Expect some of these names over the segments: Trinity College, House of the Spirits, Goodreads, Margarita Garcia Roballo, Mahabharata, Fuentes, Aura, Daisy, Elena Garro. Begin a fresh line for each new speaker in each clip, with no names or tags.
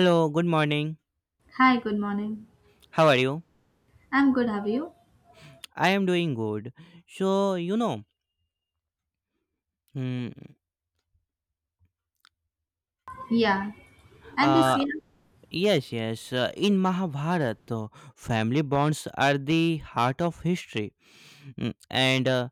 Hello, good morning.
Hi, good morning.
How are you?
I'm good, have you?
I am doing good. So, you know, hmm,
Yeah. And this
uh,
year?
yes, yes, in Mahabharata, family bonds are the heart of history. Mm, And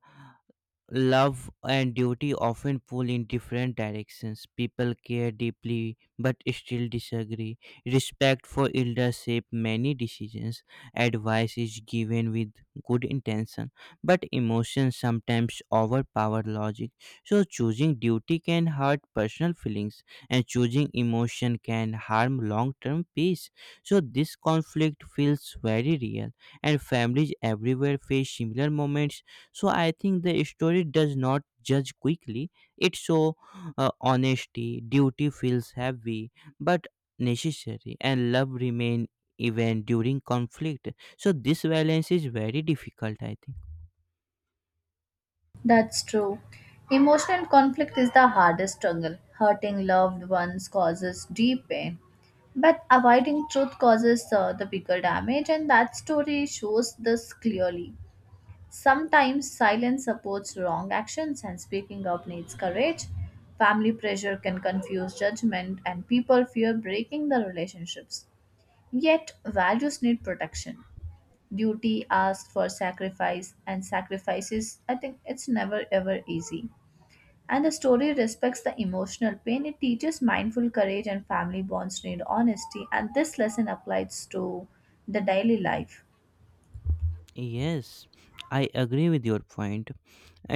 Love and duty often pull in different directions. People care deeply but still disagree. Respect for elders shape many decisions. Advice is given with good intention, but emotions sometimes overpower logic. So choosing duty can hurt personal feelings and choosing emotion can harm long-term peace. So this conflict feels very real and families everywhere face similar moments. So I think the story does not judge quickly. It show, honesty, duty feels heavy but necessary, and love remain even during conflict. So this balance is very difficult, I think.
That's true. Emotional conflict is the hardest struggle. Hurting loved ones causes deep pain, but avoiding truth causes the bigger damage, and that story shows this clearly. Sometimes silence supports wrong actions, and speaking up needs courage. Family pressure can confuse judgment, and people fear breaking the relationships. Yet, values need protection. Duty asks for sacrifice and sacrifices, I think it's never ever easy. And the story respects the emotional pain. It teaches mindful courage, and family bonds need honesty, and this lesson applies to the daily life.
Yes, I agree with your point.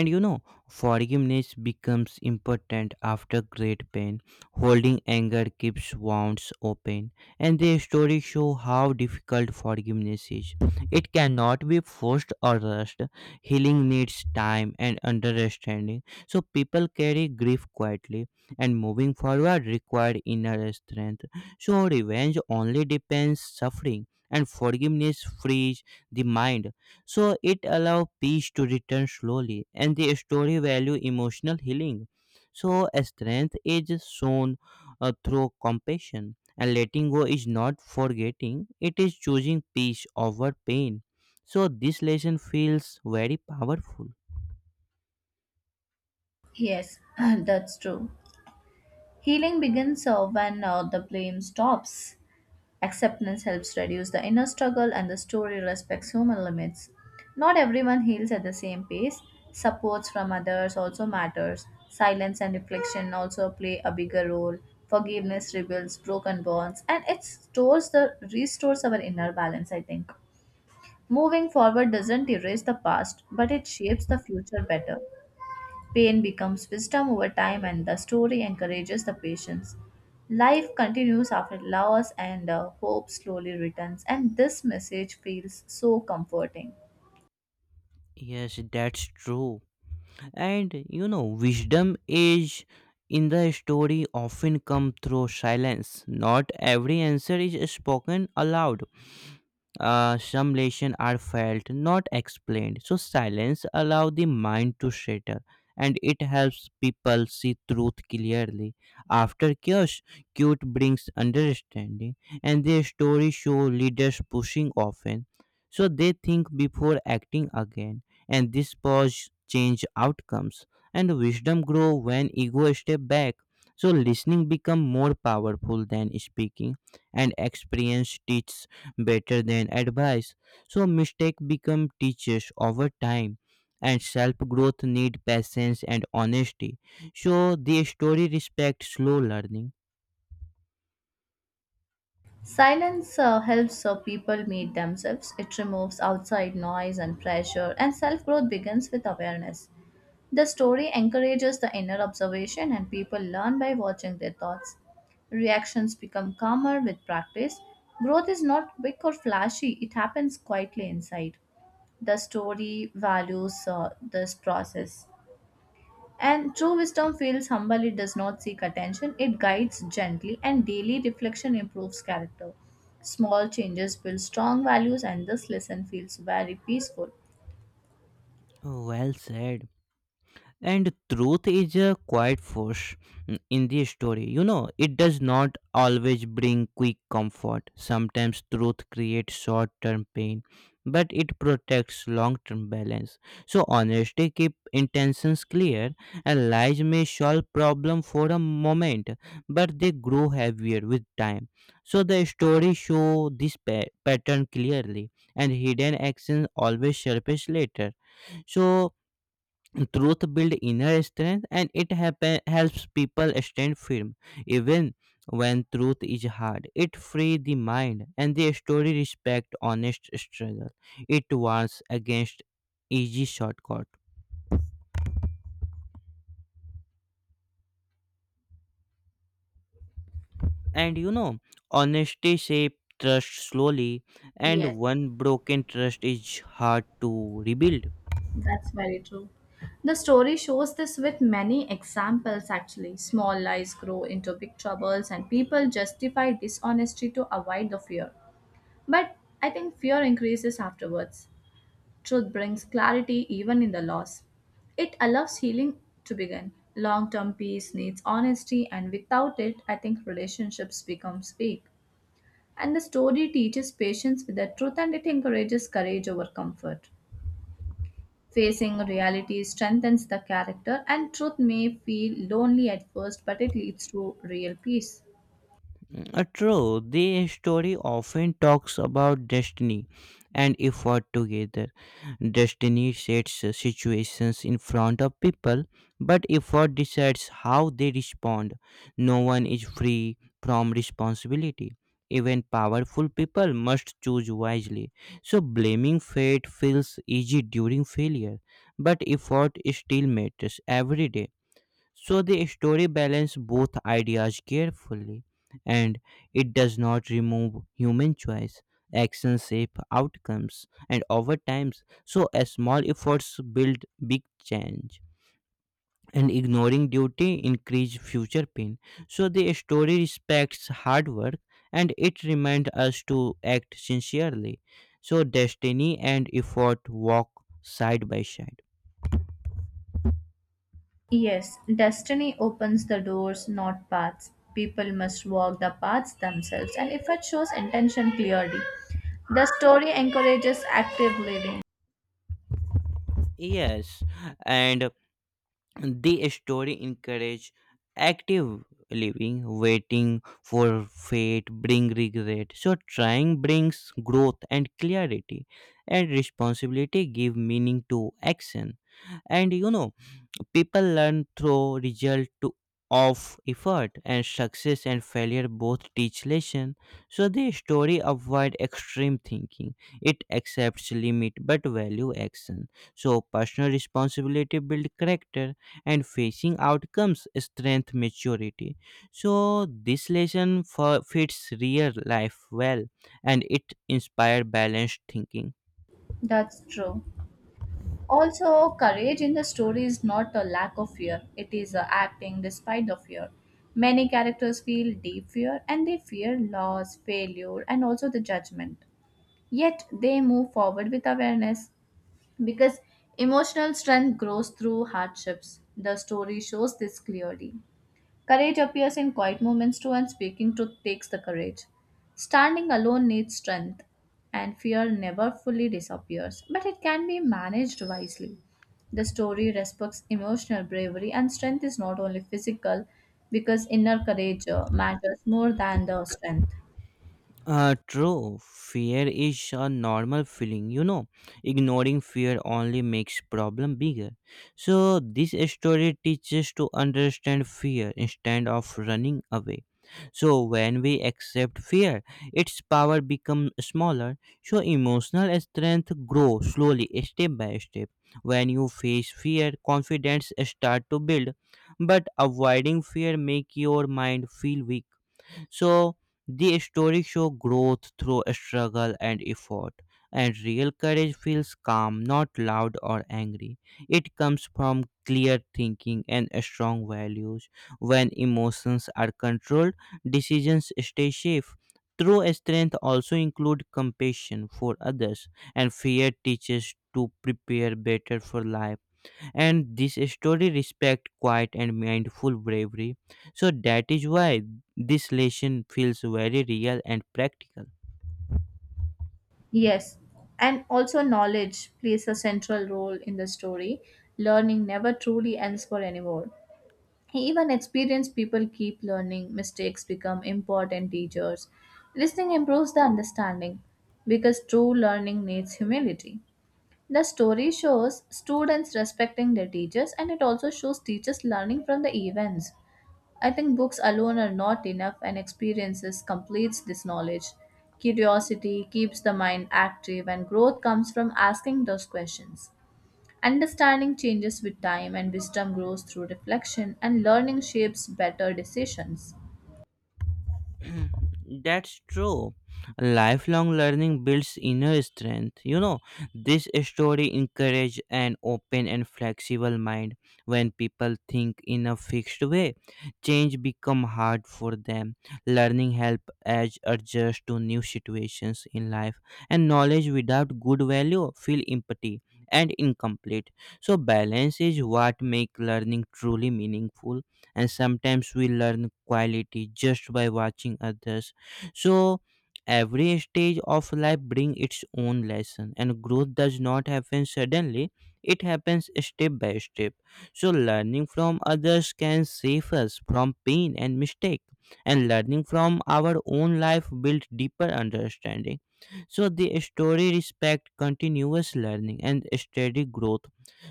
And you know, Forgiveness becomes important after great pain. Holding anger keeps wounds open. And the stories show how difficult forgiveness is. It cannot be forced or rushed. Healing needs time and understanding. So people carry grief quietly and moving forward requires inner strength. So revenge only depends suffering, and forgiveness frees the mind. So it allows peace to return slowly, and the story value emotional healing. So strength is shown through compassion, and letting go is not forgetting; it is choosing peace over pain. So this lesson feels very powerful.
Yes, that's true. Healing begins when the blame stops. Acceptance helps reduce the inner struggle, and the story respects human limits. Not everyone heals at the same pace. Supports from others also matters. Silence and reflection also play a bigger role. Forgiveness rebuilds broken bonds, and it stores the restores our inner balance, I think. Moving forward doesn't erase the past, but it shapes the future better. Pain becomes wisdom over time, and the story encourages the patience. Life continues after loss, and hope slowly returns, and this message feels so comforting.
Yes, that's true. Wisdom is in the story often come through silence. Not every answer is spoken aloud. Some lessons are felt, not explained. So silence allows the mind to settle, and it helps people see truth clearly. After chaos, cute brings understanding, and their stories show leaders pushing often, so they think before acting again, and this pause change outcomes, and wisdom grow when ego step back. So listening become more powerful than speaking, and experience teach better than advice. So mistakes become teachers over time and self growth need patience and honesty. So the story respects slow learning.
Silence helps people meet themselves. It removes outside noise and pressure, and self growth begins with awareness. The story encourages the inner observation, and people learn by watching their thoughts. Reactions become calmer with practice. Growth is not quick or flashy, it happens quietly inside. The story values this process. And true wisdom feels humble. It does not seek attention, it guides gently, and daily reflection improves character. Small changes build strong values, and this lesson feels very peaceful.
Well said. And truth is a quiet force, in the story. It does not always bring quick comfort. Sometimes truth creates short term pain, but it protects long term balance. So honesty keep intentions clear, and lies may solve problem for a moment, but they grow heavier with time. So the story show this pattern clearly, and hidden actions always surface later. So truth builds inner strength and it helps people stand firm, even when truth is hard. It frees the mind and the story respect honest struggle. It warns against easy shortcut, and honesty shape trust slowly, and
Yes,
one broken trust is hard to rebuild.
that's very true. The story shows this with many examples actually. Small lies grow into big troubles, and people justify dishonesty to avoid the fear. But I think fear increases afterwards. Truth brings clarity even in the loss. It allows healing to begin. Long term peace needs honesty, and without it, I think relationships become weak. And the story teaches patience with the truth, and it encourages courage over comfort. Facing reality strengthens the character, and truth may feel lonely at first, but it leads to real peace.
True, the story often talks about destiny and effort together. Destiny sets situations in front of people, but effort decides how they respond. No one is free from responsibility. Even powerful people must choose wisely. So, blaming fate feels easy during failure, but effort still matters every day. So the story balances both ideas carefully and it does not remove human choice. Actions shape outcomes and over times, so a small efforts build big change. And ignoring duty increase future pain. So the story respects hard work and it reminds us to act sincerely. So destiny and effort walk side by side.
Yes, destiny opens the doors, not paths. People must walk the paths themselves, and effort shows intention clearly. The story encourages active living.
Yes, and the story encourages active living, waiting for fate bring regret. So trying brings growth and clarity, and responsibility give meaning to action. And you know, People learn through result of effort, and success and failure both teach lesson. So the story avoid extreme thinking. It accepts limit but value action. So personal responsibility build character and facing outcomes strength maturity. So this lesson fits real life well and it inspire balanced thinking.
That's true. Also, courage in the story is not a lack of fear, it is a acting despite the fear. Many characters feel deep fear, and they fear loss, failure, and also the judgment. Yet they move forward with awareness because emotional strength grows through hardships. The story shows this clearly. Courage appears in quiet moments too, and speaking truth takes the courage. Standing alone needs strength, and fear never fully disappears, but it can be managed wisely. The story respects emotional bravery, and strength is not only physical, because inner courage matters more than the strength.
True. Fear is a normal feeling, you know. Ignoring fear only makes problem bigger. So this story teaches to understand fear instead of running away. So when we accept fear, its power becomes smaller. So emotional strength grows slowly, step by step. When you face fear, confidence start to build. But avoiding fear make your mind feel weak, so the story show growth through struggle and effort. And real courage feels calm, not loud or angry. It comes from clear thinking and strong values. When emotions are controlled, decisions stay safe. True strength also includes compassion for others, and fear teaches to prepare better for life, and this story respect quiet and mindful bravery. So that is why this lesson feels very real and practical.
Yes, and also knowledge plays a central role in the story. Learning never truly ends for anyone. Even experienced people keep learning, mistakes become important teachers. Listening improves the understanding because true learning needs humility. The story shows students respecting their teachers, and it also shows teachers learning from the events. I think books alone are not enough, and experiences completes this knowledge. Curiosity keeps the mind active, and growth comes from asking those questions. Understanding changes with time, and wisdom grows through reflection, and learning shapes better decisions.
That's true. Lifelong learning builds inner strength. You know, this story encourages an open and flexible mind. When people think in a fixed way, change become hard for them. Learning help as adjust to new situations in life, and knowledge without good value feel empty and incomplete. So balance is what make learning truly meaningful, and sometimes we learn quality just by watching others. So every stage of life brings its own lesson, and growth does not happen suddenly. It happens step by step. So learning from others can save us from pain and mistake, and learning from our own life builds deeper understanding. So the story respect continuous learning and steady growth.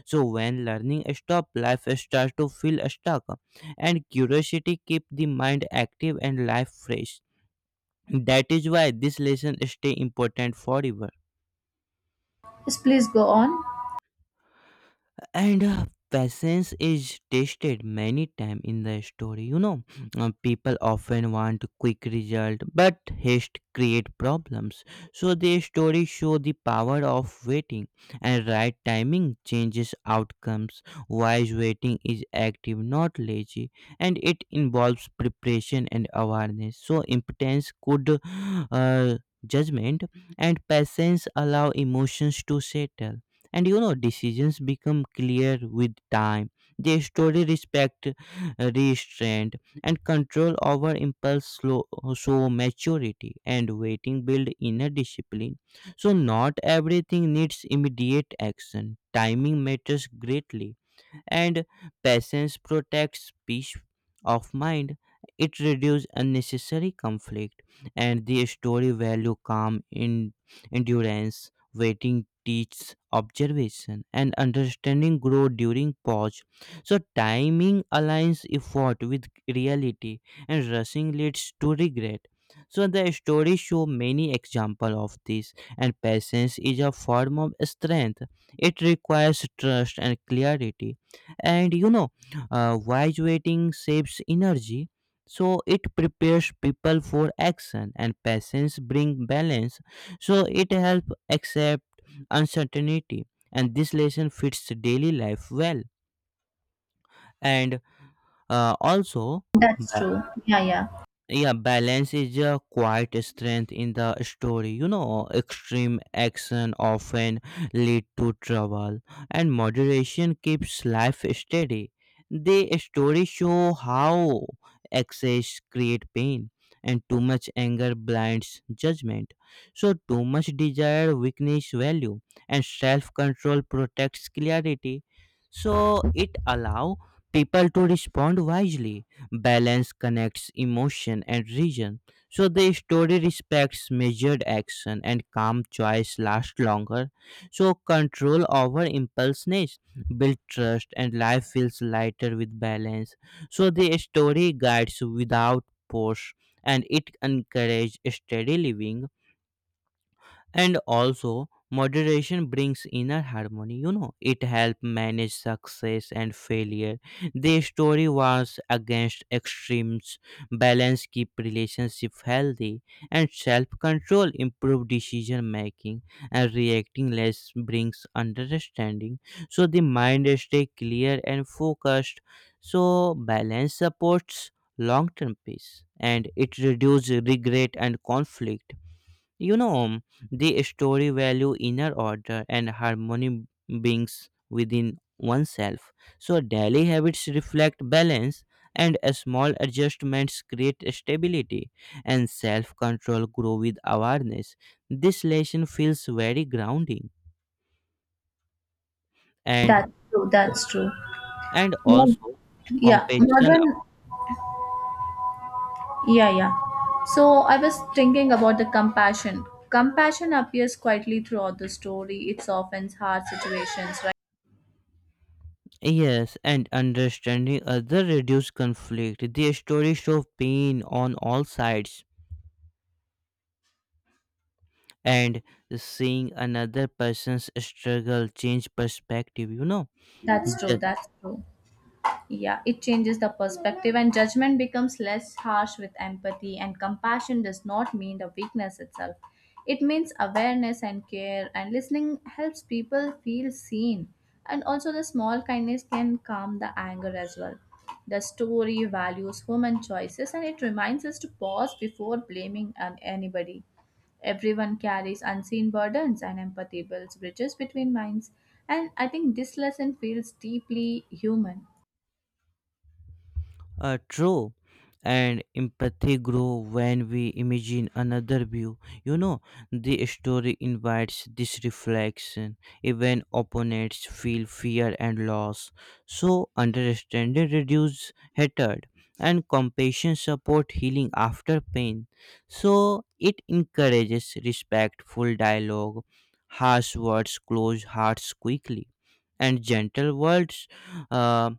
So when learning stop, life starts to feel stuck, and curiosity keep the mind active and life fresh. That is why this lesson stay important forever.
Yes, please go on.
And patience is tested many times in the story, you know. People often want quick result, but haste create problems. So the story show the power of waiting, and right timing changes outcomes. Wise waiting is active, not lazy, and it involves preparation and awareness. So impotence could, uh, judgment, and patience allow emotions to settle, and decisions become clear with time. They story respect restraint and control over impulse slow, so maturity and waiting build inner discipline. So not everything needs immediate action. Timing matters greatly, and patience protects peace of mind. It reduces unnecessary conflict, and the story value calm in endurance. Waiting teaches observation, and understanding grow during pause. So timing aligns effort with reality, and rushing leads to regret. So the story show many example of this, and patience is a form of strength. It requires trust and clarity, and wise waiting saves energy. So it prepares people for action, and patience bring balance. So it helps accept uncertainty, and this lesson fits daily life well. And also,
That's true. Yeah, yeah.
yeah, balance is a quiet strength in the story, you know. Extreme action often lead to trouble, and moderation keeps life steady. The story show how excess create pain, and too much anger blinds judgment. So too much desire weakness value, and self-control protects clarity. So it allow people to respond wisely. Balance connects emotion and reason. So the story respects measured action, and calm choice last longer. So control over impulsiveness build trust, and life feels lighter with balance. So the story guides without force, and it encourages steady living. And also moderation brings inner harmony, you know. It helps manage success and failure. The story was against extremes. Balance keep relationship healthy, and self-control improve decision making, and reacting less brings understanding. So the mind stay clear and focused. So balance supports long-term peace, and it reduces regret and conflict. You know, the story value inner order and harmony beings within oneself. So daily habits reflect balance, and small adjustments create stability, and self-control grow with awareness. This lesson feels very grounding. and
That's true. That's true.
and
Mo-
also
yeah,
compassion,
modern. Yeah, yeah. So I was thinking about the compassion. Compassion appears quietly throughout the story. It's often hard situations, right?
yes, and understanding other reduce conflict. The story show pain on all sides, and seeing another person's struggle change perspective, you know.
That's true.
Ju-
That's true. Yeah, it changes the perspective, and judgment becomes less harsh with empathy. And compassion does not mean the weakness itself, it means awareness and care. And listening helps people feel seen. And also, the small kindness can calm the anger as well. The story values human choices, and it reminds us to pause before blaming anybody. Everyone carries unseen burdens, and empathy builds bridges between minds. And I think this lesson feels deeply human.
True. And empathy grow when we imagine another view. You know, the story invites this reflection. Even opponents feel fear and loss. So understanding reduces hatred, and compassion support healing after pain. So it encourages respectful dialogue. Harsh words close hearts quickly. And gentle words uh,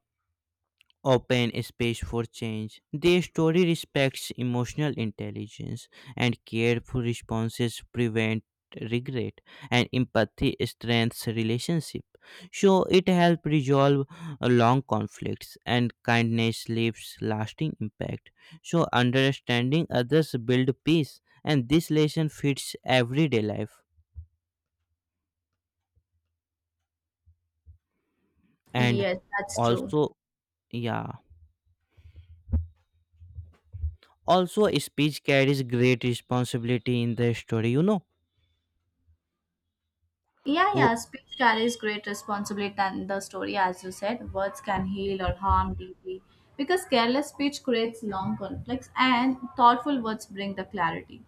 open space for change. The story respects emotional intelligence, and careful responses prevent regret, and empathy strengthens relationship. So it helps resolve long conflicts, and kindness leaves lasting impact. So understanding others build peace, and this lesson fits everyday life. And
Yes, that's true.
also, yeah, also speech carries great responsibility in the story, you know.
Yeah, yeah, speech carries great responsibility and the story, as you said, words can heal or harm deeply. Because careless speech creates long conflicts, and thoughtful words bring the clarity.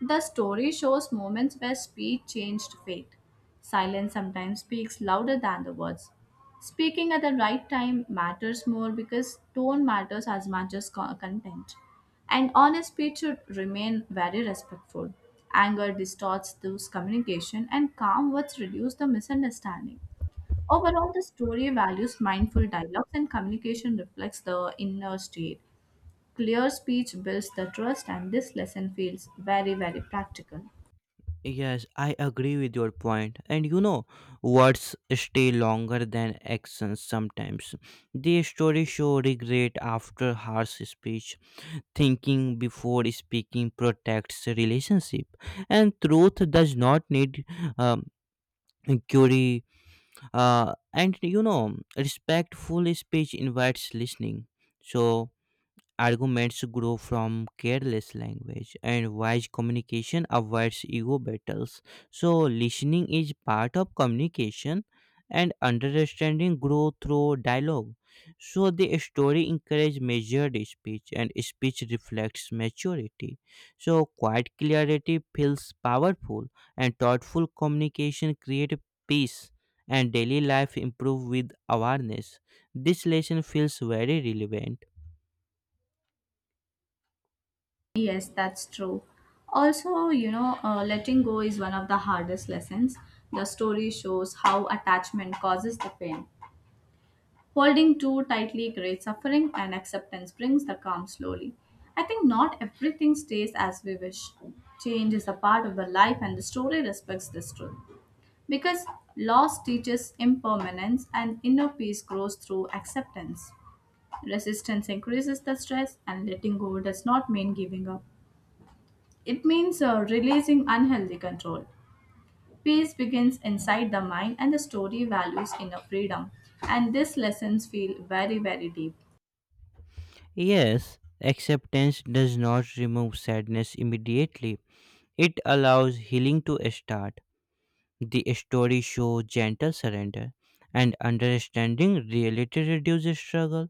The story shows moments where speech changed fate. Silence sometimes speaks louder than the words. Speaking at the right time matters more because tone matters as much as content. And honest speech should remain very respectful. Anger distorts those communication, and calm words reduce the misunderstanding. Overall, the story values mindful dialogues, and communication reflects the inner state. Clear speech builds the trust, and this lesson feels very, very practical.
Yes, I agree with your point. And you know, words stay longer than actions sometimes. The story show regret after harsh speech. Thinking before speaking protects relationship. And truth does not need um, inquiry. Respectful speech invites listening. So arguments grow from careless language, and wise communication avoids ego battles. So listening is part of communication, and understanding grows through dialogue. So the story encourages measured speech, and speech reflects maturity. So quiet clarity feels powerful, and thoughtful communication creates peace, and daily life improves with awareness. This lesson feels very relevant.
Yes, that's true. Also, you know, letting go is one of the hardest lessons. The story shows how attachment causes the pain. Holding too tightly creates suffering, and acceptance brings the calm slowly. I think not everything stays as we wish. Change is a part of the life, and the story respects this truth. Because loss teaches impermanence, and inner peace grows through acceptance. Resistance increases the stress, and letting go does not mean giving up. It means releasing unhealthy control. Peace begins inside the mind, and the story values inner freedom. And these lessons feel very, very deep.
Yes, acceptance does not remove sadness immediately. It allows healing to start. The story shows gentle surrender, and understanding reality reduces struggle.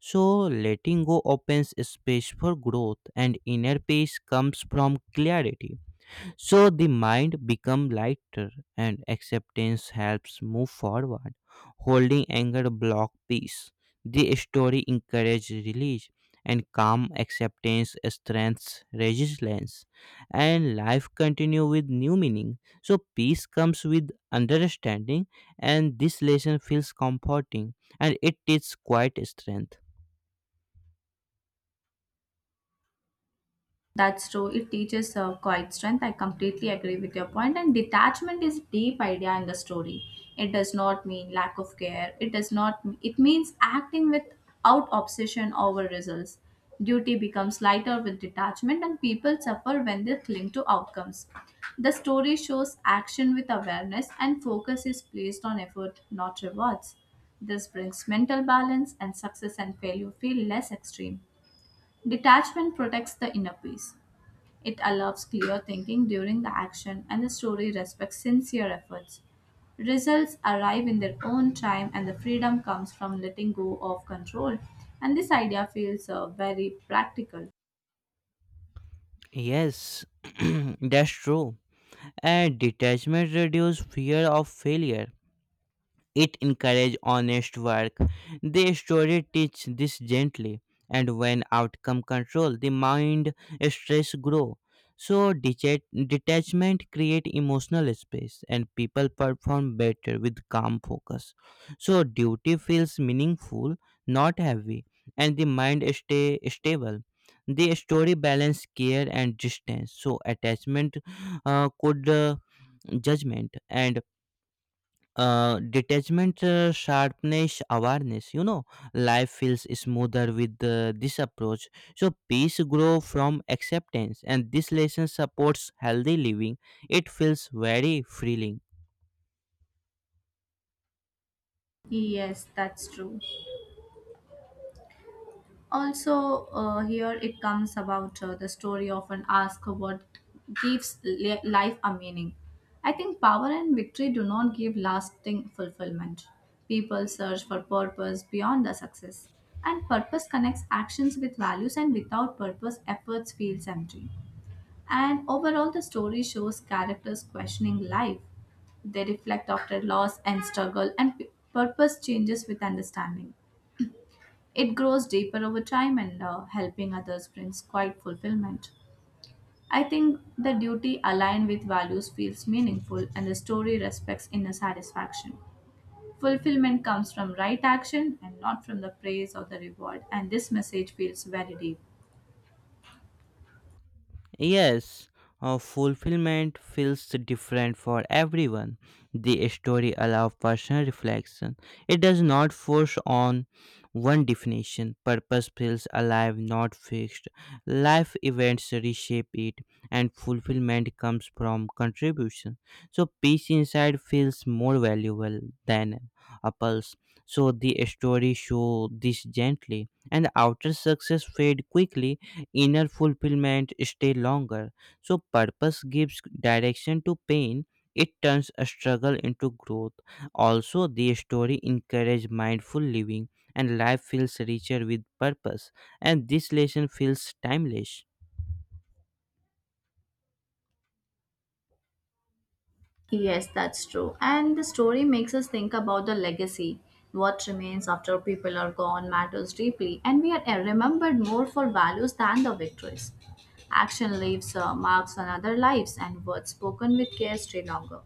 So letting go opens space for growth, and inner peace comes from clarity. So the mind become lighter, and acceptance helps move forward. Holding anger block peace. The story encourage release, and calm acceptance strengths resilience, and life continue with new meaning. So peace comes with understanding, and this lesson feels comforting, and it is quite strength.
That's true. It teaches quiet strength. I completely agree with your point. And detachment is a deep idea in the story. It does not mean lack of care. It does not. It means acting without obsession over results. Duty becomes lighter with detachment, and people suffer when they cling to outcomes. The story shows action with awareness, and focus is placed on effort, not rewards. This brings mental balance, and success and failure feel less extreme. Detachment protects the inner peace. It allows clear thinking during the action, and the story respects sincere efforts. Results arrive in their own time, and the freedom comes from letting go of control. And this idea feels very practical.
Yes, that's true. And detachment reduces fear of failure. It encourages honest work. The story teaches this gently, and when outcome control, the mind stress grow. So detachment create emotional space, and people perform better with calm focus. So duty feels meaningful, not heavy, and the mind stay stable. The story balance care and distance. So attachment could judgment, and detachment sharpness awareness, life feels smoother with this approach, so peace grow from acceptance, and this lesson supports healthy living. It feels very freeing.
Yes, that's true. Also, here it comes about the story often ask what gives life a meaning. I think power and victory do not give lasting fulfillment. People search for purpose beyond the success, and purpose connects actions with values, and without purpose efforts feels empty. And overall the story shows characters questioning life. They reflect after loss and struggle, and purpose changes with understanding. It grows deeper over time, and helping others brings quite fulfillment. I think the duty aligned with values feels meaningful, and the story respects inner satisfaction. Fulfillment comes from right action and not from the praise or the reward, and this message feels very deep.
Yes, fulfillment feels different for everyone. The story allows personal reflection. It does not force on one definition. Purpose feels alive, not fixed. Life events reshape it, and fulfillment comes from contribution. So, peace inside feels more valuable than a pulse. So, the story shows this gently, and outer success fade quickly, inner fulfillment stay longer. So, purpose gives direction to pain. It turns a struggle into growth. Also, the story encourages mindful living, and life feels richer with purpose. And this lesson feels timeless.
Yes, that's true. And the story makes us think about the legacy. What remains after people are gone matters deeply, and we are remembered more for values than the victories. Action leaves marks on other lives, and words spoken with care stay longer.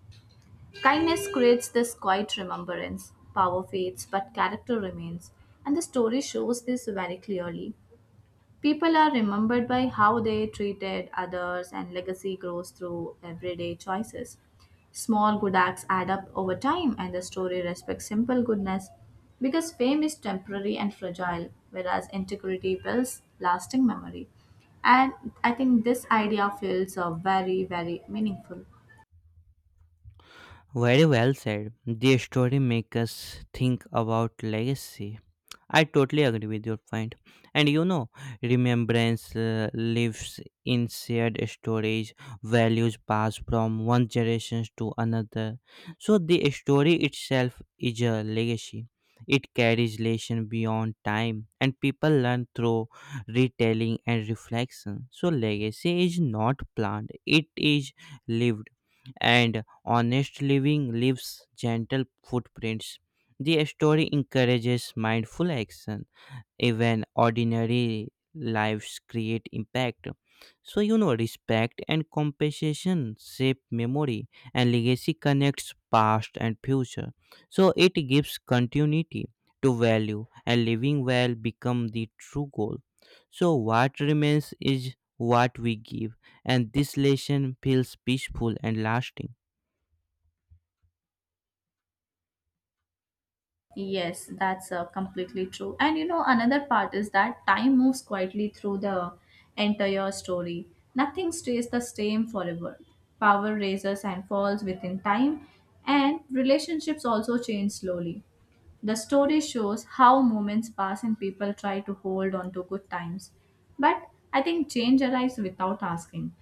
Kindness creates this quiet remembrance. Power fades, but character remains. And the story shows this very clearly. People are remembered by how they treated others, and legacy grows through everyday choices. Small good acts add up over time, and the story respects simple goodness because fame is temporary and fragile, whereas integrity builds lasting memory. And I think this idea feels very, very meaningful.
Very well said. The story makes us think about legacy. I totally agree with your point. And you know, remembrance lives in shared storage, values passed from one generation to another. So the story itself is a legacy. It carries lesson beyond time, and people learn through retelling and reflection. So legacy is not planned; it is lived, and honest living leaves gentle footprints. The story encourages mindful action. Even ordinary lives create impact. So, you know, respect and compassion shape memory, and legacy connects past and future. So, it gives continuity to value, and living well become the true goal. So, what remains is what we give, and this lesson feels peaceful and lasting.
Yes, that's completely true. And you know, another part is that time moves quietly through the entire story. Nothing stays the same forever. Power raises and falls within time, and relationships also change slowly. The story shows how moments pass and people try to hold on to good times. But I think change arrives without asking.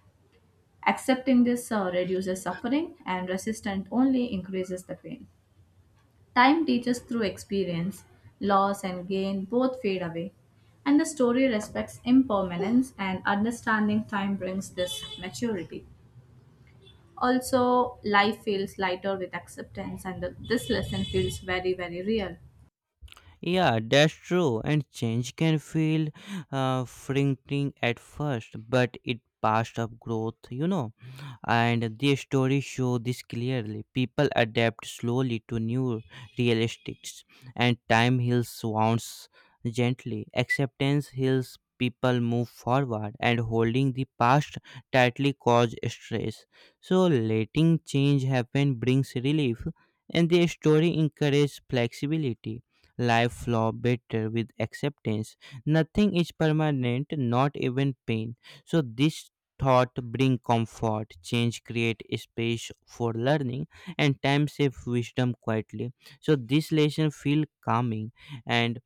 Accepting this reduces suffering, and resistance only increases the pain. Time teaches through experience, loss and gain both fade away. And the story respects impermanence, and understanding time brings this maturity. Also, life feels lighter with acceptance, and this lesson feels very, very real.
Yeah, that's true. And change can feel frightening at first, but it passed up growth, you know, and these stories show this clearly. People adapt slowly to new realities, and time heals wounds gently. Acceptance heals, people move forward, and holding the past tightly cause stress. So letting change happen brings relief, and the story encourages flexibility. Life flow better with acceptance. Nothing is permanent, not even pain. So this thought bring comfort, change create space for learning, and time save wisdom quietly. So this lesson feel calming. And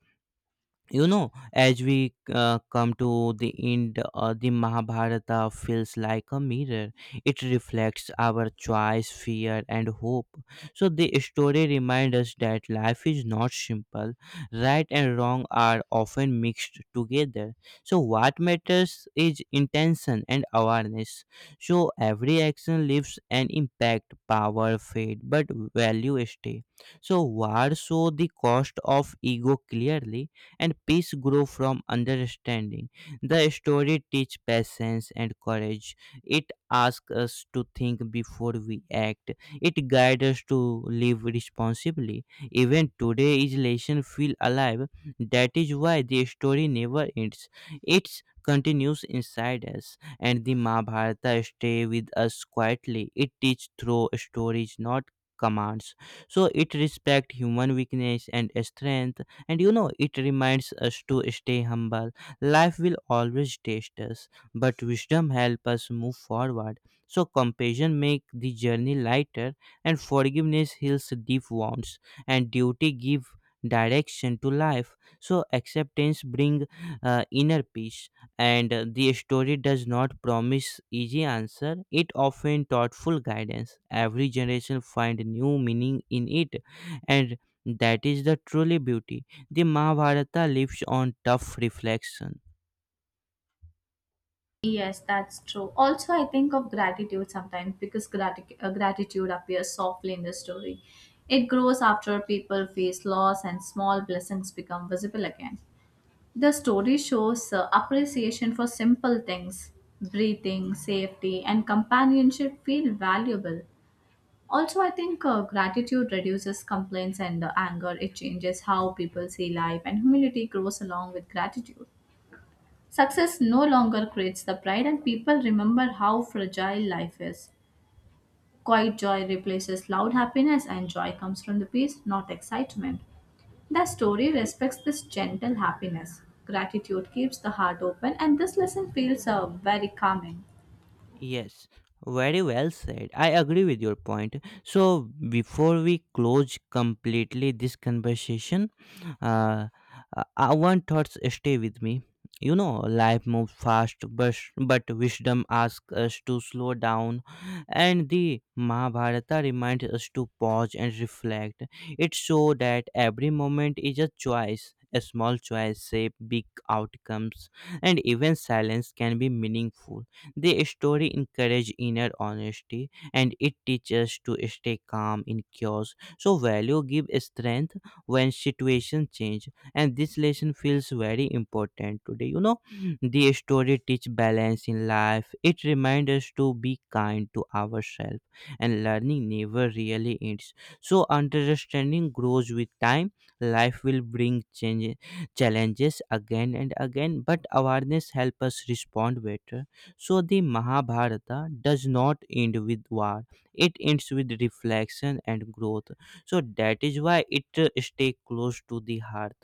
you know, as we come to the end, the Mahabharata feels like a mirror. It reflects our choice, fear, and hope. So the story reminds us that life is not simple. Right and wrong are often mixed together. So what matters is intention and awareness. So every action leaves an impact. Power fade, but value stay. So war show the cost of ego clearly, and peace grow from understanding. The story teach patience and courage. It asks us to think before we act. It guides us to live responsibly. Even today's lesson feel alive. That is why the story never ends. It continues inside us, and the Mahabharata stay with us quietly. It teach through stories, not commands. So it respect human weakness and strength. And you know, it reminds us to stay humble. Life will always test us, but wisdom helps us move forward. So compassion makes the journey lighter, and forgiveness heals deep wounds, and duty gives direction to life. So acceptance brings inner peace, and the story does not promise easy answer. It often thoughtful guidance. Every generation find new meaning in it, and that is the truly beauty. The Mahabharata lives on tough reflection.
Yes, that's true. Also, I think of gratitude sometimes because gratitude appears softly in the story. It grows after people face loss, and small blessings become visible again. The story shows appreciation for simple things. Breathing, safety, and companionship feel valuable. Also, I think gratitude reduces complaints and anger. It changes how people see life, and humility grows along with gratitude. Success no longer creates the pride, and people remember how fragile life is. Quiet joy replaces loud happiness, and joy comes from the peace, not excitement. The story respects this gentle happiness. Gratitude keeps the heart open, and this lesson feels very calming.
Yes, very well said. I agree with your point. So, before we close completely this conversation, uh, one thoughts stay with me. You know, life moves fast, but, wisdom asks us to slow down, and the Mahabharata reminds us to pause and reflect. It shows that every moment is a choice. A small choice shape big outcomes, and even silence can be meaningful. The story encourages inner honesty, and it teaches to stay calm in chaos. So value give strength when situations change, and this lesson feels very important today. You know, the story teach balance in life. It reminds us to be kind to ourselves, and learning never really ends. So understanding grows with time. Life will bring change, challenges again and again, but awareness helps us respond better. So the Mahabharata does not end with war. It ends with reflection and growth. So that is why it stay close to the heart.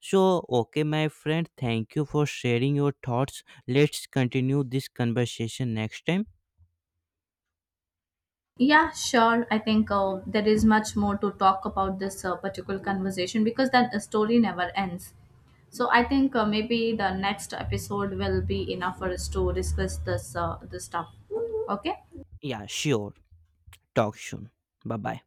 So okay, my friend, thank you for sharing your thoughts. Let's continue this conversation next time.
Yeah, sure. I think there is much more to talk about this particular conversation because that story never ends. So I think maybe the next episode will be enough for us to discuss this this stuff. Okay.
Yeah, sure. Talk soon. Bye bye.